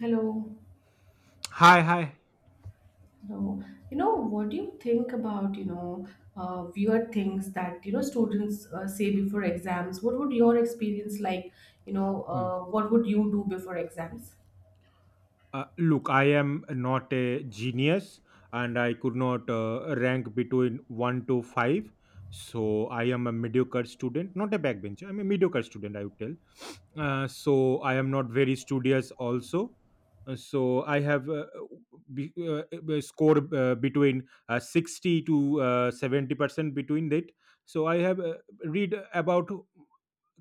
Hello, Hi, hi. hello. You know, what do you think about, weird things that, students say before exams? What would your experience like? Hmm. What would you do before exams? Look, I am not a genius and I could not rank between 1 to 5. So I am a mediocre student, not a backbencher. I'm a mediocre student, I would tell. So I am not very studious also. So I have be, uh, a score between 60 to 70% between that. So I have read about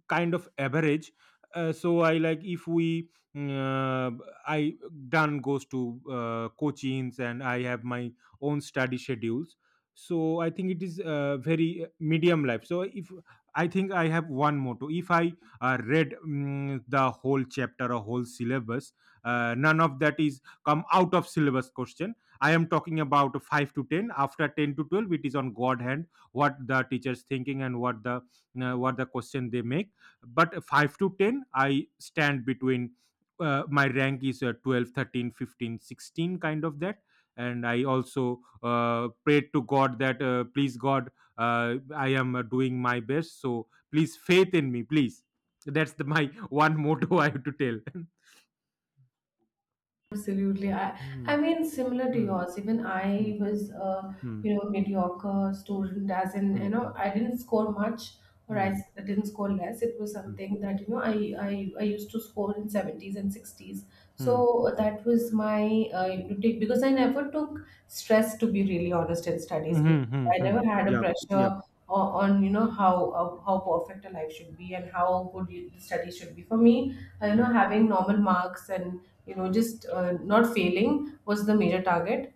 kind of average. So I like, if we I done goes to coachings, and I have my own study schedules. So I think it is very medium life. So if I think I have one motto, if I read the whole chapter or whole syllabus, none of that is come out of syllabus question. I am talking about 5 to 10. After 10 to 12, it is on god hand, what the teacher's thinking and what the question they make. But 5 to 10 I stand between. My rank is 12, 13, 15, 16, kind of that. And I also prayed to god that please god, uh, I am doing my best, so please faith in me please. That's the my one motto I have to tell. Absolutely. Hmm, I mean, similar to hmm, yours, even hmm, I was, hmm, mediocre student, as in, hmm, I didn't score much or hmm, I didn't score less. It was hmm, something that I used to score in 70s and 60s. hmm, So that was my because I never took stress, to be really honest, in hmm, studies, because hmm, hmm, I hmm. never had a Yep, yep. pressure on, how perfect a life should be and how good studies should be. For me, Hmm, having normal marks and just not failing was the major target.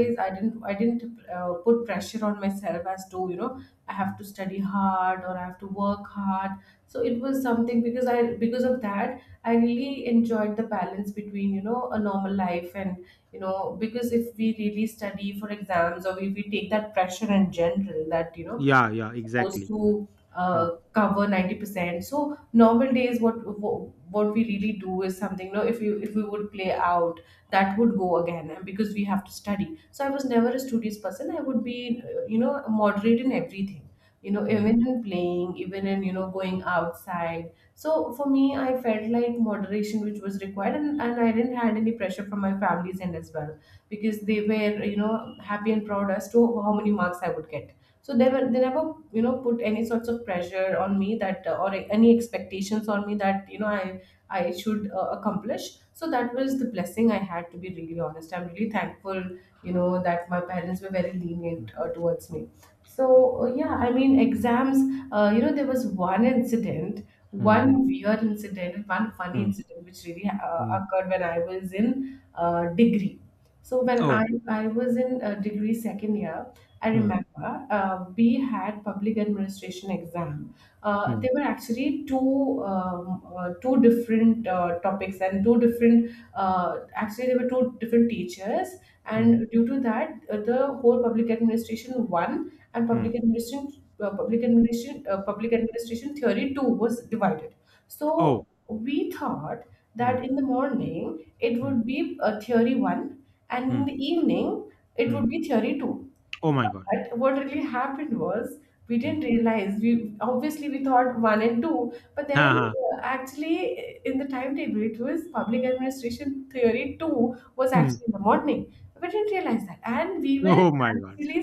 hmm, I didn't put pressure on myself as to I have hmm. to study hard or I have to work hard. So it was something because of that I really enjoyed the balance between a normal life. And because if we really study for exams, or if we take that pressure in general, that Yeah, yeah, supposed exactly. to Hmm, cover 90%. So normal days, what we really do is something, you know, if we would play out, that would go again, and because we have to study. So I was never a studious person. I would be, moderate in everything. You know, hmm, even in playing, even in, going outside. So for me, I felt like moderation, which was required, and I didn't had any pressure from my family's end as well, because they were, happy and proud as to how many marks I would get. So they never, put any sorts of pressure on me that, or any expectations on me that, you know, I should accomplish. So that was the blessing I had. To be really honest, I'm really thankful, that my parents were very lenient towards me. So, yeah, I mean, exams, there was one incident, hmm, hmm, one weird incident, one funny hmm, incident which really hmm. occurred when I was in degree. So when Oh. I was in degree second year, I Hmm. remember we had public administration exam. There Hmm. were actually two two different topics and two different actually there were two different teachers, Hmm. and due to that, the whole public administration one and Mm. Public administration theory two was divided. So Oh. we thought Hmm. that in the morning it Hmm. would be a theory one, and in Hmm. the evening it would Mm. be theory two. Oh my god. But what really happened was we Hmm. didn't realize. We thought one and two, but Ha, then ha. Actually in the timetable it was public administration theory two was Hmm. actually in the morning. We didn't realize that, and we were Oh my god. actually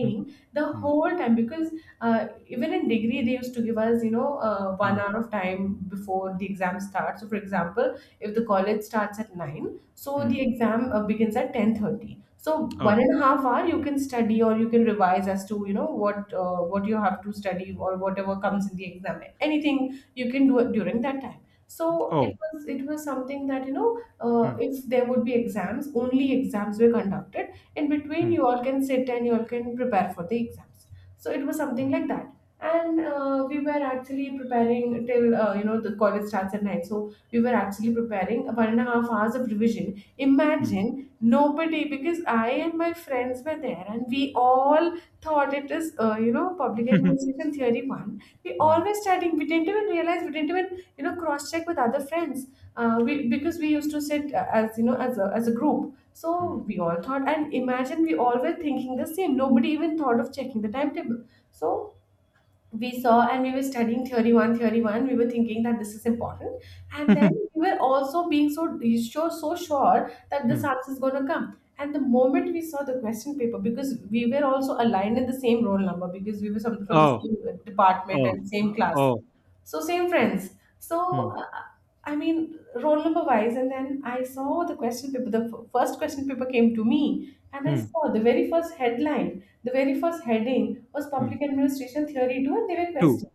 Hmm. the Hmm. whole time because even in degree they used to give us one Hmm. hour of time before the exam starts. So for example, if the college starts at 9, so Hmm. the exam begins at 10:30, so Oh. one and a half hour you can study or you can revise as to what you have to study or whatever comes in the exam. Anything you can do it during that time. So it Oh. was something that Hmm. if there would be exams, only exams were conducted. In between, you Hmm. all can sit and you all can prepare for the exams. So it was something Hmm. like that. And we were actually preparing till the college starts at nine. So we were actually preparing one and a half hours of revision. Hmm. Imagine, nobody, because I and my friends were there, and we all thought it is public administration theory one. We all Hmm. were studying. We didn't even realize. We didn't even cross check with other friends, we because we used to sit as you know as a group. Hmm. So we all thought, and imagine, we all were thinking the same. Nobody even thought of checking the timetable. So we saw and we were studying theory one, theory one, we were thinking that this is important. And then we were also being so sure, so sure that this Hmm. answer is going to come. And the moment we saw the question paper, because we were also aligned in the same roll number, because we were some, from the Oh. same department Oh. and same class, Oh. so same friends, so Hmm. uh, I mean, roll number wise, and then I saw the question paper, the first question paper came to me, and I Hmm. saw the very first headline, the very first heading was Public Hmm. Administration Theory 2, and they were Two. questions.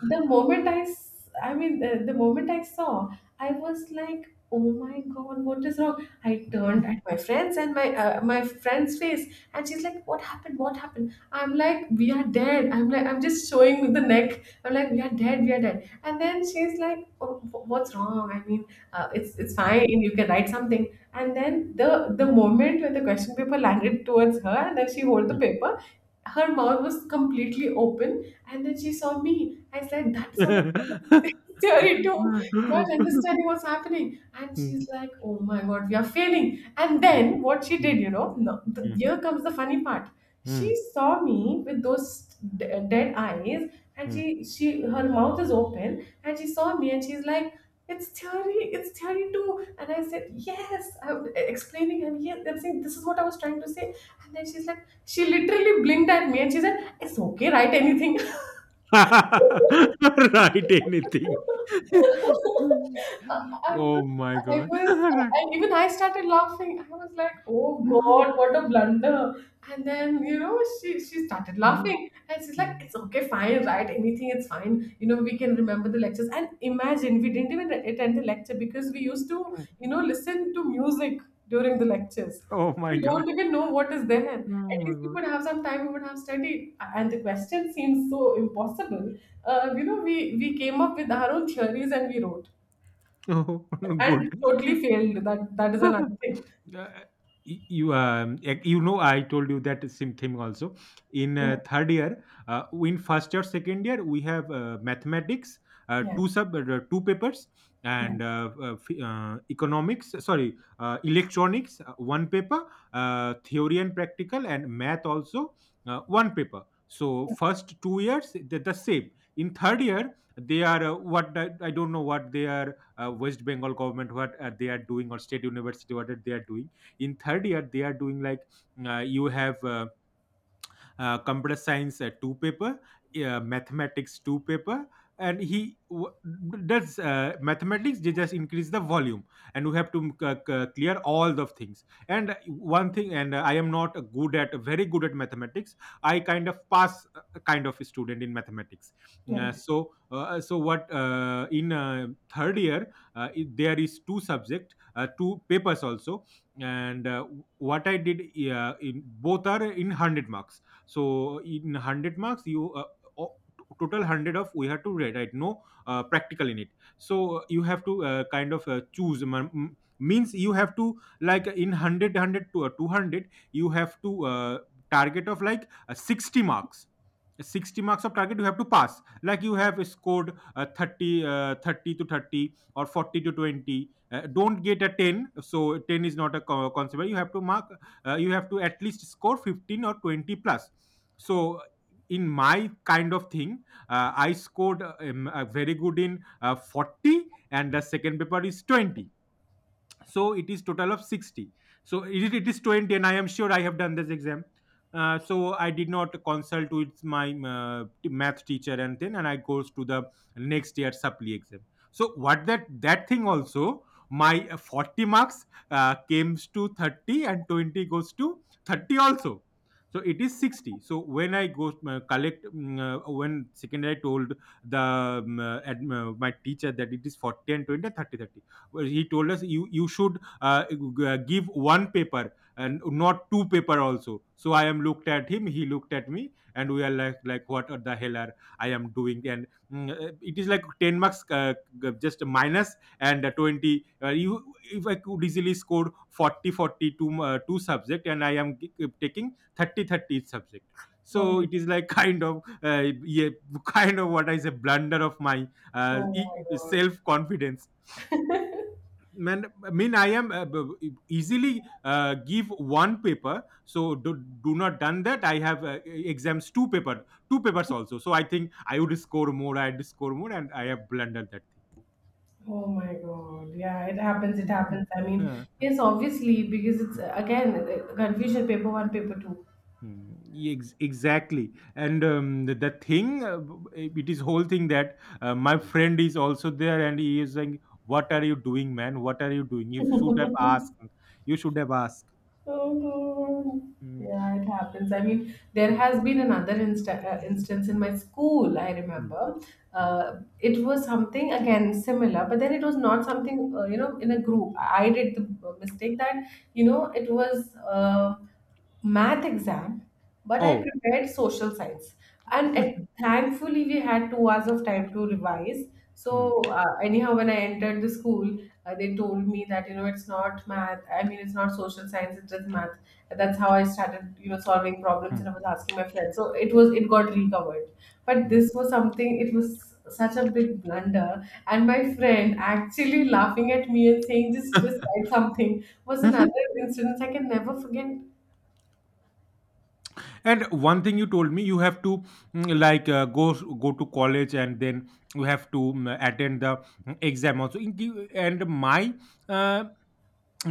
And the moment I mean, the moment I saw, I was like, oh my God, what is wrong? I turned at my friends and my friend's face, and she's like, what happened? What happened? I'm like, we are dead. I'm like, I'm just showing with the neck. I'm like, we are dead. We are dead. And then she's like, oh, what's wrong? I mean, it's Hmm. fine. You can write something. And then the moment when the question paper landed towards her, and then she hold the Hmm. paper, her mouth was completely open, and then she saw me. I said, that's what I'm staring to, not Mm, understanding what's happening. And she's like, oh my god, we are failing. And then what she did, mm, you know, no, mm, here comes the funny part. She mm, saw me with those dead eyes, and mm. She, her mouth is open, and she saw me, and she's like, it's theory too. And I said, yes, I'm explaining, and yes, I'm saying this is what I was trying to say. And then she's like, she literally blinked at me, and she said, it's okay, write anything. I, Write anything. I was, Oh my I god. was, I, even I started laughing. I was like, "Oh Right. Mhm, God, what a blunder!" And then she started mhm, laughing, and she's like, mm, "It's okay, fine, right? Anything, it's fine. You know, we can remember the lectures." And imagine, we didn't even attend the lecture because we used to, mm. Listen to music during the lectures. Oh So my we don't god. even know what is there. Oh At my least we god. would have some time. We would have studied, and the question seems so impossible. We came up with our own theories and we wrote, Oh, good. and totally failed. That that is another thing. Uh, uh, you you know, I told you that same thing also in Yeah, third year. In first year, second year we have mathematics, yeah, two papers, yeah. and economics, sorry, electronics, one paper, theory and practical, and math also, one paper. So first 2 years they're the same. In third year they are what, I don't know what they are. West Bengal government, what they are doing, or state university, what they are doing. In third year they are doing like, you have computer science, two paper, mathematics two paper, and does mathematics. They just increase the volume, and we have to clear all the things. And one thing, and I am not good at very good at mathematics. I kind of pass kind of student in mathematics. Mm, Uh, Okay, so uh, uh, so what in third year, there is two subject, two papers also, and what I did, in both are in 100 marks. So in 100 marks, you o- total 100 of we have to write, right, no practical in it. So you have to kind of choose means you have to, like in 100 to 200 you have to target of like 60 marks. 60 marks of target you have to pass. Like you have scored 30, 30 to 30 or 40 to 20, don't get a 10, so 10 is not a concept you have to mark. You have to at least score 15 or 20 plus. So in my kind of thing, I scored very good in 40, and the second paper is 20, so it is total of 60. So it is 20 and I am sure I have done this exam. So I did not consult with my math teacher, and then and I goes to the next year supply exam. So what that that thing also, my 40 marks came to 30 and 20 goes to 30 also, so it is 60. So when I go collect, when secondary told the my teacher that it is 40 and 20 and 30, well, he told us, you should give one paper and not two paper also. So I am looked at him, he looked at me, and we are like, what the hell are I am doing. And it is like 10 marks, just a minus, and a 20, you, if I could easily score 40 40 two, two subject, and I am taking 30 30 each subject. So okay. it is like kind of yeah, kind of what I say, blunder of my Oh my god. self confidence, man. I mean, I am easily give one paper, so do, do not done that, I have exams two paper, two papers also. So I think I would score more, I'd score more, and I have blundered that thing. Oh my God. Yeah, it happens. It Mhm. happens. I mean, Yeah. yes, obviously, because it's again confusion paper one, paper two. Hmm, exactly, and the thing it is whole thing that my friend is also there, and he is saying, "What are you doing, man? What are you doing? You should have asked. You should have asked." Mhm. Hmm, Yeah, it happens. I mean, there hmm, has been another instance in my school, I hmm, remember. hmm. It was something, again, similar, but then it was not something, in a group. I did the mistake that, you know, it was. Math exam, but I Oh, prepared social science. And it, thankfully, we had 2 hours of time to revise. hmm, So, anyhow, when I entered the school, they told me that, it's not math. I mean, it's not social science, it's just math. And that's how I started, solving problems, hmm. and I was asking my friends. So, it got recovered. But Mm. this was something, it was such a big blunder. And my friend actually laughing at me and saying, just write something, was another incident I can never forget. And one thing you told me, you have to like go go to college, and then you have to attend the exam also. In and my uh,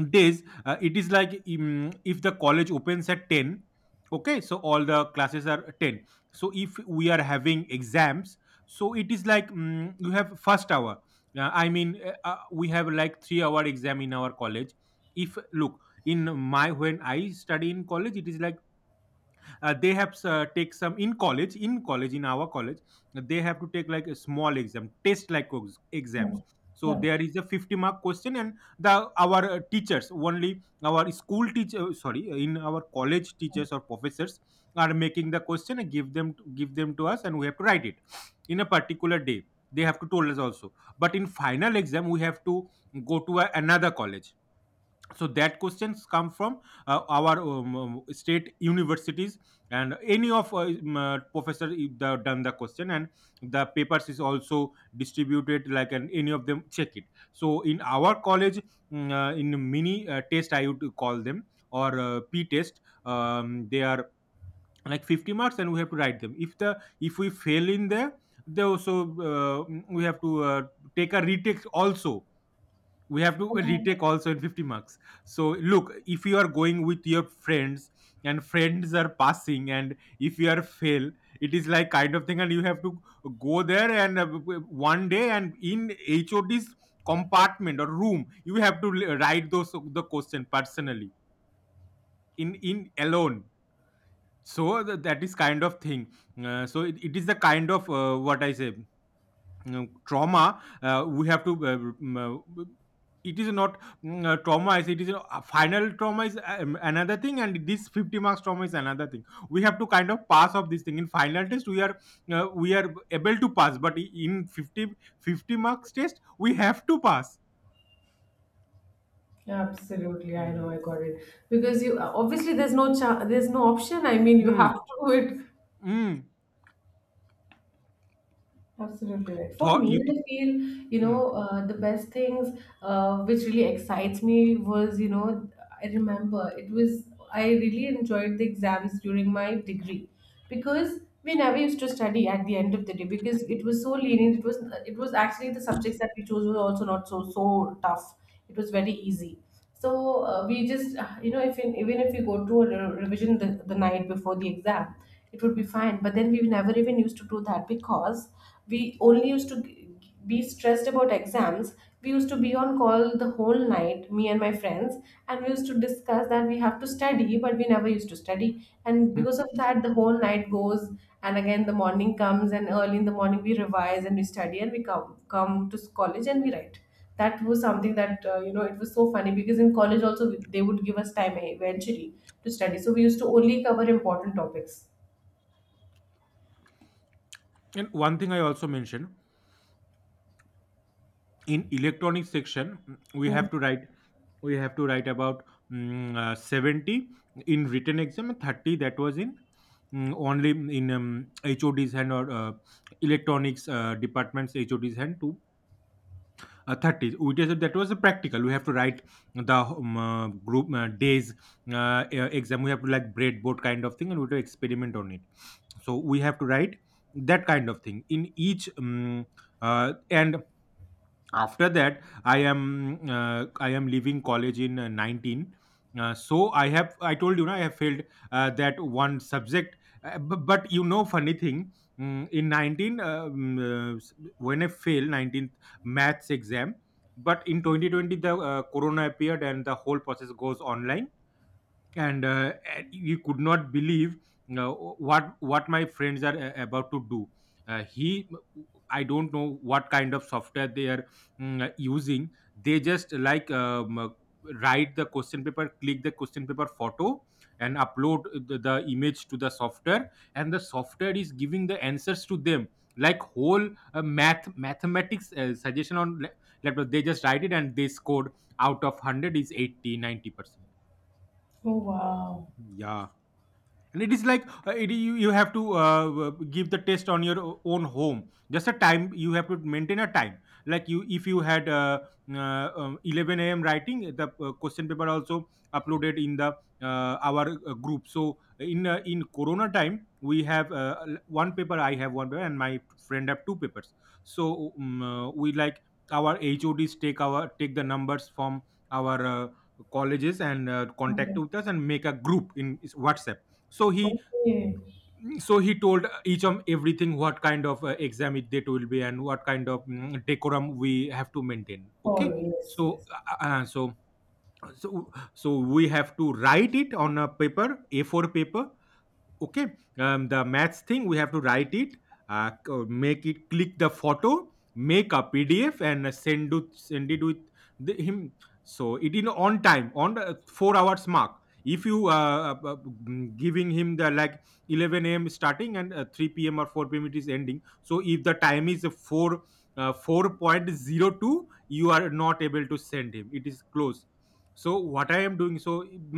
days, it is like, if the college opens at 10, okay, so all the classes are 10. So if we are having exams, so it is like, you have first hour. I mean, we have like 3-hour exam in our college. If look, in my, when I study in college, it is like, they have take some in our college, they have to take like a small exam test, like exams. So there is a 50 mark question, and the, our teachers only, our school teacher, sorry, in our college, teachers or professors are making the question and give them to us, and we have to write it in a particular day. They have to told us also. But in final exam, we have to go to a, another college, so that questions come from our state universities, and any of professor if they have done the question, and the papers is also distributed like, and any of them check it. So in our college, in mini test I would call them, or p test, they are like 50 marks, and we have to write them. If the, if we fail in there, they also, uh, we have to take a retake also, we have to retake also in 50 marks. So look, if you are going with your friends, and friends are passing, and if you are fail, it is like kind of thing, and you have to go there and one day, and in hod's compartment or room, you have to write those the question personally, in alone. So that is kind of thing. So it is the kind of what I say, you know, trauma, we have to it is not trauma is, it is a final, trauma is another thing, and this 50 marks trauma is another thing. We have to kind of pass of this thing. In final test we are able to pass, but in 50 50 marks test we have to pass. Absolutely, I know, Mm. I got it. Because you obviously there's no there's no option. I mean, you Mm. have to do it. Mm. Absolutely right. For Thought me, you I feel Mm. The best things which really excites me was I remember it was I really enjoyed the exams during my degree, because we never used to study at the end of the day, because it was so lenient. It was actually the subjects that we chose were also not so tough. It was very easy, so we just you know if in, even if we go to a revision the night before the exam, it would be fine, but then we never even used to do that because we only used to be stressed about exams. We used to be on call the whole night, me and my friends, and we used to discuss that we have to study, but we never used to study, and Mm. because of that the whole night goes, and again the morning comes, and early in the morning we revise and we study and we come to college and we write. That was something that, you know, it was so funny because in college also they would give us time eventually to study, so we used to only cover important topics. And one thing I also mentioned in electronics section, we Yeah. have to write we have to write about 70 in written exam and 30 that was in only in HOD's hand or electronics departments HOD's hand to 30, which is that was a practical we have to write the group days exam. We have to, like, breadboard kind of thing and we have to experiment on it, so we have to write that kind of thing in each and after that I am leaving college in 19. So I told you now I have failed that one subject. But you know, funny thing, in 19, uh, s- when I failed 19th maths exam, but in 2020 the corona appeared and the whole process goes online. And he could not believe you, what my friends are about to do. He I don't know what kind of software they are using. They just, like, write the question paper, click the question paper photo and upload the image to the software, and the software is giving the answers to them, like, whole mathematics suggestion on laptop. They just write it and they scored out of 100 is 80-90%. Oh, wow. Yeah, and it is like you have to give the test on your own home, just a time, you have to maintain a time. Like you, if you had 11 a.m. writing the question paper also uploaded in the our group. So in corona time we have one paper, I have one paper and my friend have two papers. So we, like, our HODs take the numbers from our colleges and contact Okay. with us and make a group in WhatsApp. so he Okay. so he told each of everything what kind of exam it date will be and what kind of decorum we have to maintain. Oh, Okay. yes, so yes. uh, uh, so so so we have to write it on a paper, A4 paper. Okay. The maths thing we have to write it, make it, click the photo, make a PDF and send it with him. So it in on time on the 4 hours mark. If you giving him the, like, 11 a.m. starting and 3 p.m. or 4 p.m. it is ending. So if the time is a 4, 4:02 you are not able to send him, it is close. So what I am doing. So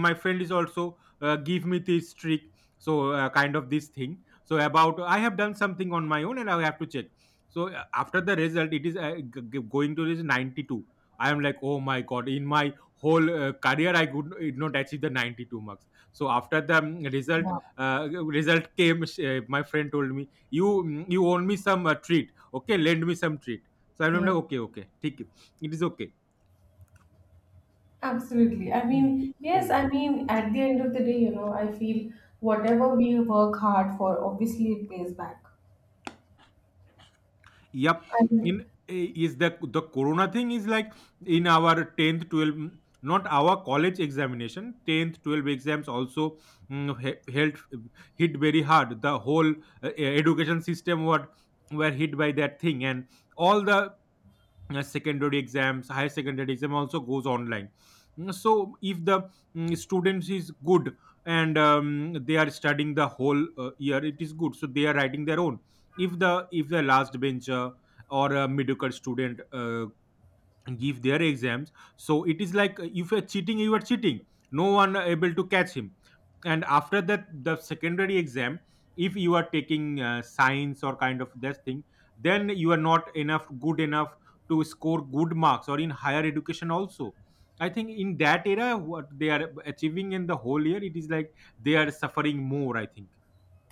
my friend is also give me this trick. So kind of this thing, so about I have done something on my own and I have to check. So after the result, it is going to this 92. I am like, oh my god, in my whole career I could did not achieve the 92 marks. So after the Wow. uh, result came, my friend told me, you, you owe me some treat. Okay, lend me some treat. So I'm Yes, like, okay, okay, take it. It is okay. absolutely, I Hmm. mean, yes, Hmm. I mean at the end of the day, you know, I feel whatever we work hard for, obviously it pays back. Yep. I. In, eh, is the corona thing is like in our 10th 12th, not our college examination 10th 12th exams also, held hit very hard the whole education system what were hit by that thing, and all the secondary exams, higher secondary exam also goes online. So if the students is good and they are studying the whole year, it is good, so they are writing their own. If the last bencher or a mediocre student give their exams, so it is like, if you're cheating you are cheating, no one able to catch him. And after that the secondary exam, if you are taking science or kind of that thing, then you are not enough good enough to score good marks or in higher education also. I think in that era what they are achieving in the whole year, it is like they are suffering more, I think.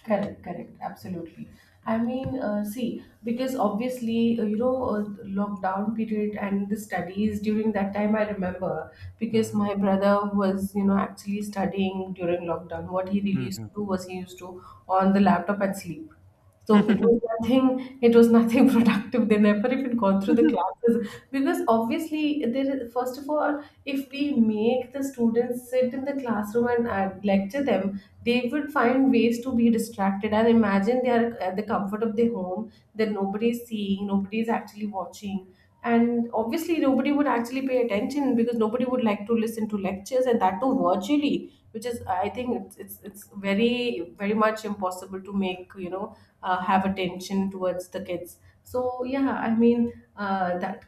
Correct, correct, Mm. absolutely. I mean, see, because obviously, you know, lockdown period and the studies during that time, I remember because Mhm. my brother was, you know, actually studying during lockdown. What he really used Mhm. to do was he used to on the laptop and sleep. So Hmm. It was nothing productive. They never even gone through the classes, because obviously there is, first of all, if we make the students sit in the classroom and lecture them, they would find ways to be distracted. And imagine they are at the comfort of their home, that nobody is seeing, nobody is actually watching, and obviously nobody would actually pay attention, because nobody would like to listen to lectures, and that too virtually, which is, I think, it's very, very much impossible to make, you know, have attention towards the kids. So yeah, I mean, that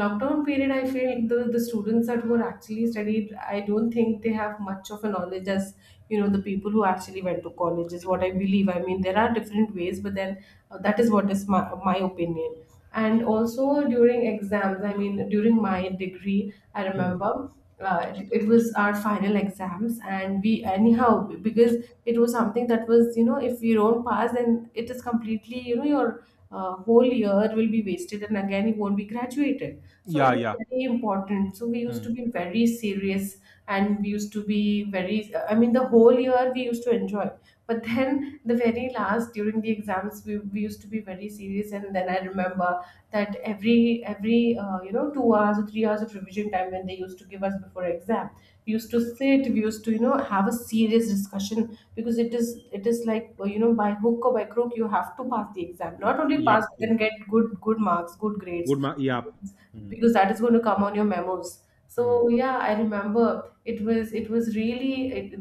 lockdown period, I feel the students that were actually studied, I don't think they have much of a knowledge as, you know, the people who actually went to college, is what I believe. I mean, there are different ways, but then, that is what is my opinion. And also during exams, I mean during my degree I Hmm. remember, it was our final exams, and we anyhow, because it was something that was, you know, if you don't pass then it is completely, you know, your whole year will be wasted, and again you won't be graduated, so it Yeah, was yeah. very important, so we used Hmm. to be very serious. And we used to be very, I mean the whole year we used to enjoy, but Hmm. then the very last, during the exams, we used to be very serious, and then I remember that every you know 2 hours or 3 hours of revision time when they used to give us before exam, we used to sit, we used to, you know, have a serious discussion, because it is, it is like, well, you know, by hook or by crook you have to pass the exam, not only Yep, pass but yep, then get good good marks, good grades, yep. Hmm. because that is going to come on your memos. So Mm. yeah, I remember it was really,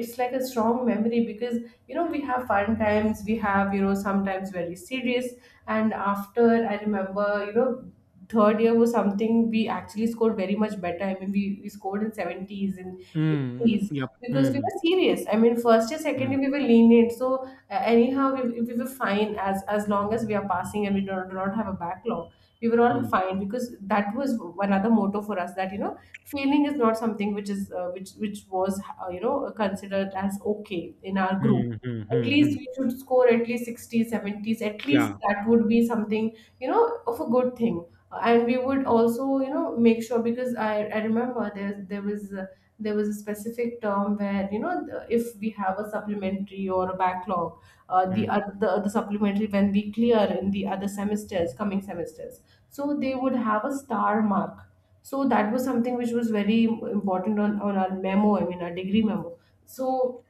it's like a strong memory because, you know, we have fun times, we have, you know, sometimes very serious. And after, I remember, you know, third year was something we actually scored very much better. I mean, we scored in 70s and Mm, 80s yep. because we Mhm. were serious. I mean, first year, second Mm, year we were lenient, so anyhow we were fine, as long as we are passing and we do not have a backlog, we were all mm, fine, because that was another motto for us, that, you know, failing is not something which is which was, you know, considered as okay in our group. mm, mm, At mm, least mm. we should score at least 60s, 70s, at least Yeah. that would be something, you know, of a good thing. And we would also, you know, make sure because I remember there was there was a specific term where, you know, if we have a supplementary or a backlog, the Mm, other, the supplementary, when we clear in the other semesters, coming semesters, so they would have a star mark. So that was something which was very important on our memo, I mean our degree memo. So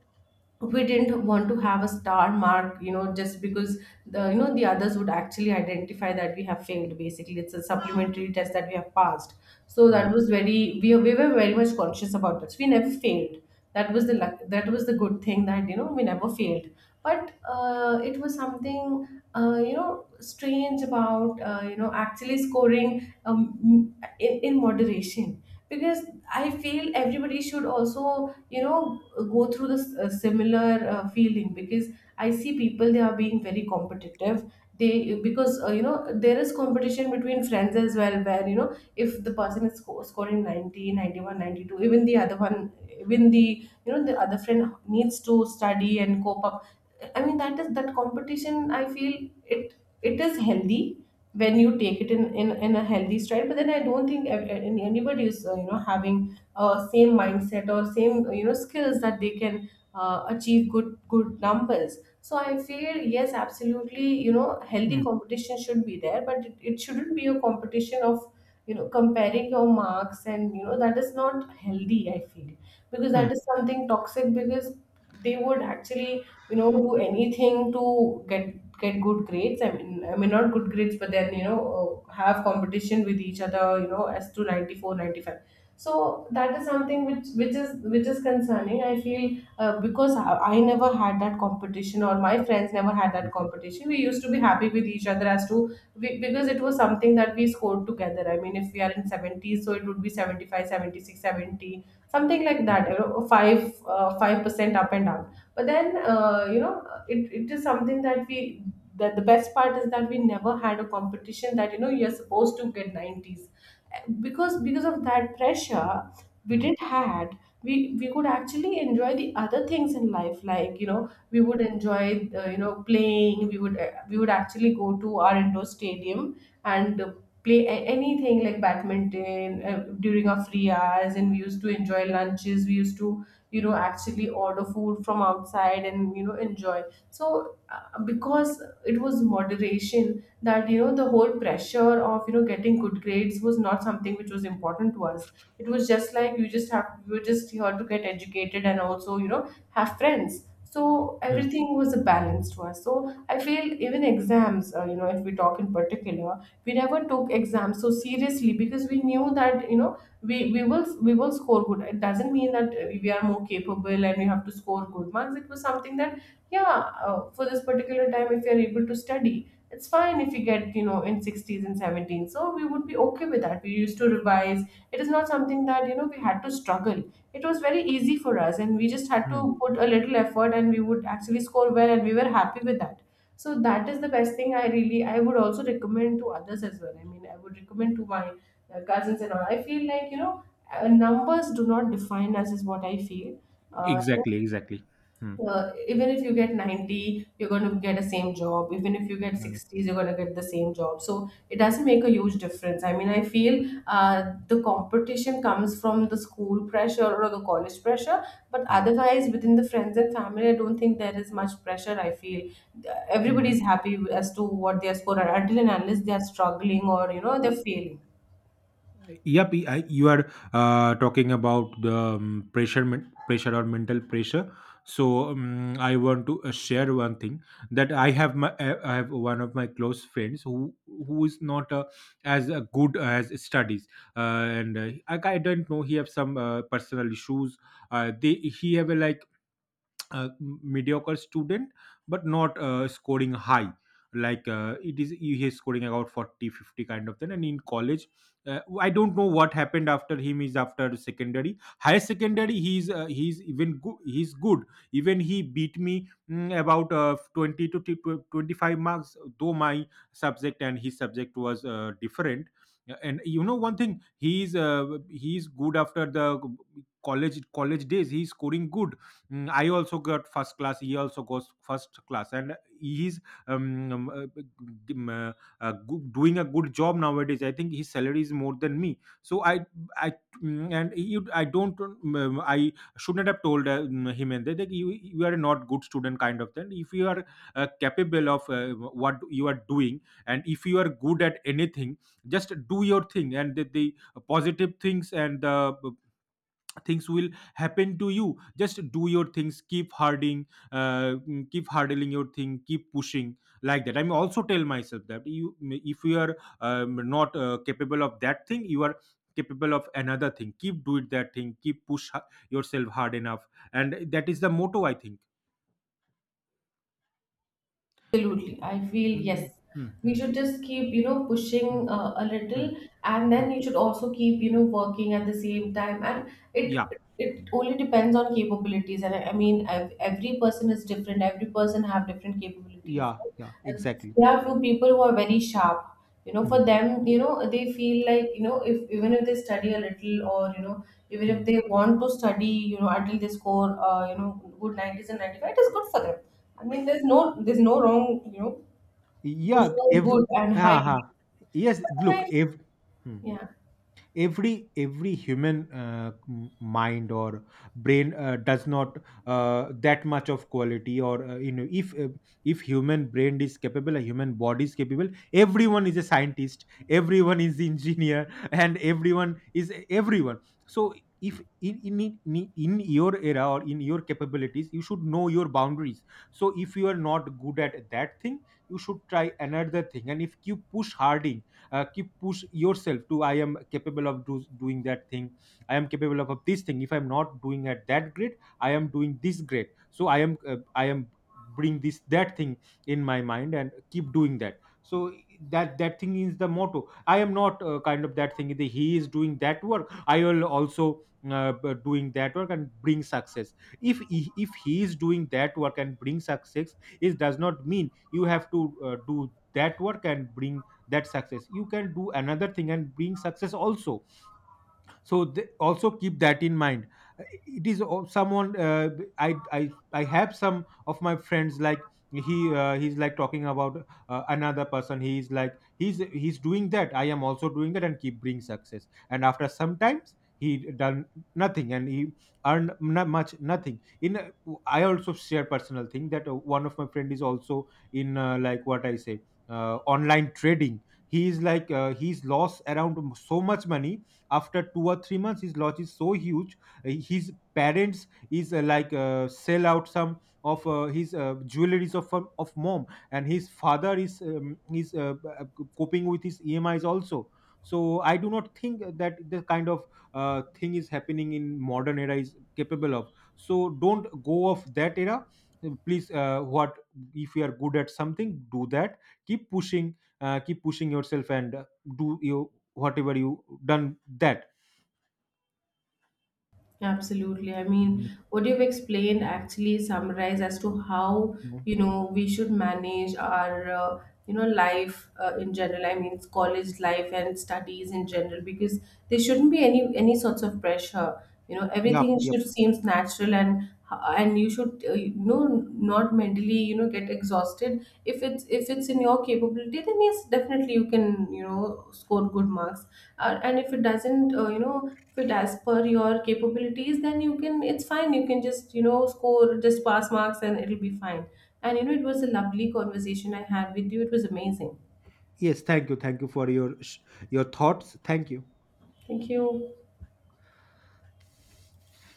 we didn't want to have a star mark, you know, just because the, you know, the others would actually identify that we have failed, basically it's a supplementary test that we have passed. So mm, that was very, we were very much conscious about that, so we never failed. That was the luck, that was the good thing, that, you know, we never failed. But it was something, you know, strange about, you know, actually scoring in moderation, because I feel everybody should also, you know, go through this similar feeling, because I see people they are being very competitive. They, because, you know, there is competition between friends as well, where, you know, if the person is scoring 90, 91, 92, even the other one, even the, you know, the other friend needs to study and cope up. I mean, that is that competition, I feel it, it is healthy when you take it in a healthy stride, but then I don't think anybody is, you know, having same mindset or same, you know, skills that they can achieve good good numbers. So I feel, yes, absolutely, you know, healthy mm, competition should be there, but it shouldn't be a competition of, you know, comparing your marks, and, you know, that is not healthy, I feel, because that is something toxic, because they would actually, you know, do anything to get get good grades, I mean, I mean not good grades, but then, you know, have competition with each other, you know, as to 94, 95. So that is something which is, which is concerning, I feel. Because I never had that competition, or my friends never had that mm, competition. We used to be happy with each other, as to we, because it was something that we scored together. I mean, if we are in 70s, so it would be 75, 76, 70 something like mm, that, you know, five 5% up and down, but then, you know, it is something that we, that the best part is that we never had a competition that, you know, you're supposed to get 90s. Because of that pressure, we mm, did not had, we could actually enjoy the other things in life, like, you know, we would enjoy, you know, playing, we would actually go to our indoor stadium and play anything like badminton, during our free hours, and we used to enjoy lunches, we used to, you know, actually order food from outside and, you know, enjoy. So, because it was moderation, that, you know, the whole pressure of, you know, getting good grades was not something which was important to us. It was just like, you just have, you were just here to get educated and also, you know, have friends, so mm, everything was a balance to us. So I feel, even exams, you know, if we talk in particular, we never took exams so seriously, because we knew that, you know, we will, we will score good. It doesn't mean that we are more capable and we have to score good marks. It was something that, yeah, for this particular time, if you're able to study, it's fine. If you get, you know, in 60s and 70s, so we would be okay with that, we used to revise. It is not something that, you know, we had to struggle. It was very easy for us, and we just had mm. to put a little effort and we would actually score well, and we were happy with that. So that is the best thing. I really, I would also recommend to others as well, I mean I would recommend to my cousins and all. I feel like, you know, numbers do not define us is what I feel. uh, Exactly, exactly. Mm, Even if you get 90, you're going to get the same job. Even if you get 60s, you're going to get the same job. So it doesn't make a huge difference, I mean, I feel the competition comes from the school pressure or the college pressure, but mm, otherwise within the friends and family, I don't think there is much pressure, I feel. mm. Everybody's happy as to what their score are, until and unless they are struggling, or, you know, they're failing. Yep. You are talking about the pressure, pressure or mental pressure. So I want to share one thing that I have one of my close friends who is not as good as studies, and I don't know he have some personal issues. They he have a, like, uh, mediocre student but not scoring high, like, it is he is scoring about 40, 50 kind of thing, and in college I don't know what happened after him, is after secondary higher secondary he's even good, he's good. Even he beat me, about 20 to 25 marks, though my subject and his subject was different. And you know, one thing, he's good, after the college college days he's scoring good. I also got first class. He also goes first class, and he's g- um, uh, go- doing a good job nowadays. I think his salary is more than me. So I and you, I don't. I shouldn't have told him and that you are not good student kind of thing. If you are capable of what you are doing, and if you are good at anything, just do your thing and the positive things and the things will happen to you. Just do your things, keep harding, keep hardling your thing, keep pushing, like that, I mean, also tell myself that you, if you are not capable of that thing, you are capable of another thing, keep do it that thing, keep push yourself hard enough. And that is the motto, I think. Absolutely, I feel, yes, Mm, mm, we mm, should just keep, you know, pushing, mm, a little, mm, and mm. then you should also keep, you know, working at the same time. And Yeah. it only depends on capabilities. And I mean every person is different, every person have different capabilities. Yeah, yeah, Uh, exactly. there are few people who are very sharp, you know, Mm, for them, you know, they feel like, you know, if even if they study a little, or, you know, even if mm. they want to study, you know, until they score, you know, good 90s and 95, it is good for them. I mean there's no, there's no wrong, you know, it was Yeah, so good and high uh grade. yes, But then look, I, if yeah. every human mind or brain does not that much of quality or, you know, if human brain is capable, a human body is capable, everyone is a scientist, everyone is engineer and everyone is everyone. So if in your era or in your capabilities you should know your boundaries. So if you are not good at that thing, you should try another thing, and if you push hard, keep push yourself to, I am capable of doing that thing. I am capable of this thing, if I'm not doing at that grade, I am doing this grade, so I am bring this that thing in my mind and keep doing that. So that that thing is the motto, I am not kind of that thing that he is doing that work, I will also doing that work and bring success. If he is doing that work and bring success, it does not mean you have to do that work and bring that success, you can do another thing and bring success also. So they also keep that in mind. Uh, it is someone, i i I have some of my friends, like, he's like talking about another person, he's like he's doing that, I am also doing that and keep bring success, and after sometimes he done nothing and he earned not much nothing in I also share personal thing that one of my friend is also in, like, what I say, online trading. He is like, he's lost around so much money, after 2 or 3 months his loss is so huge. His parents is like, sell out some of his jewelries of mom, and his father is uh, coping with his EMIs also. So I do not think that the kind of thing is happening in modern era is capable of, so don't go off that era, please, what, if you are good at something do that, keep pushing, keep pushing yourself and do you whatever you done that. Absolutely. I Mhm. mean, what you've explained actually summarize as to how, you know, we should manage our, you know, life in general. I mean, college life and studies in general, because there shouldn't be any sorts of pressure. You know, Yep, everything yep. should seems natural, and, and you should, you know, not mentally, you know, get exhausted. If it's in your capability, then yes, definitely you can, you know, score good marks, and if it doesn't you know fit as per your capabilities, then you can, it's fine, you can just, you know, score just pass marks and it'll be fine. And, you know, it was a lovely conversation I had with you, it was amazing. Yes, thank you. Thank you for your your thoughts. Thank you. Thank you.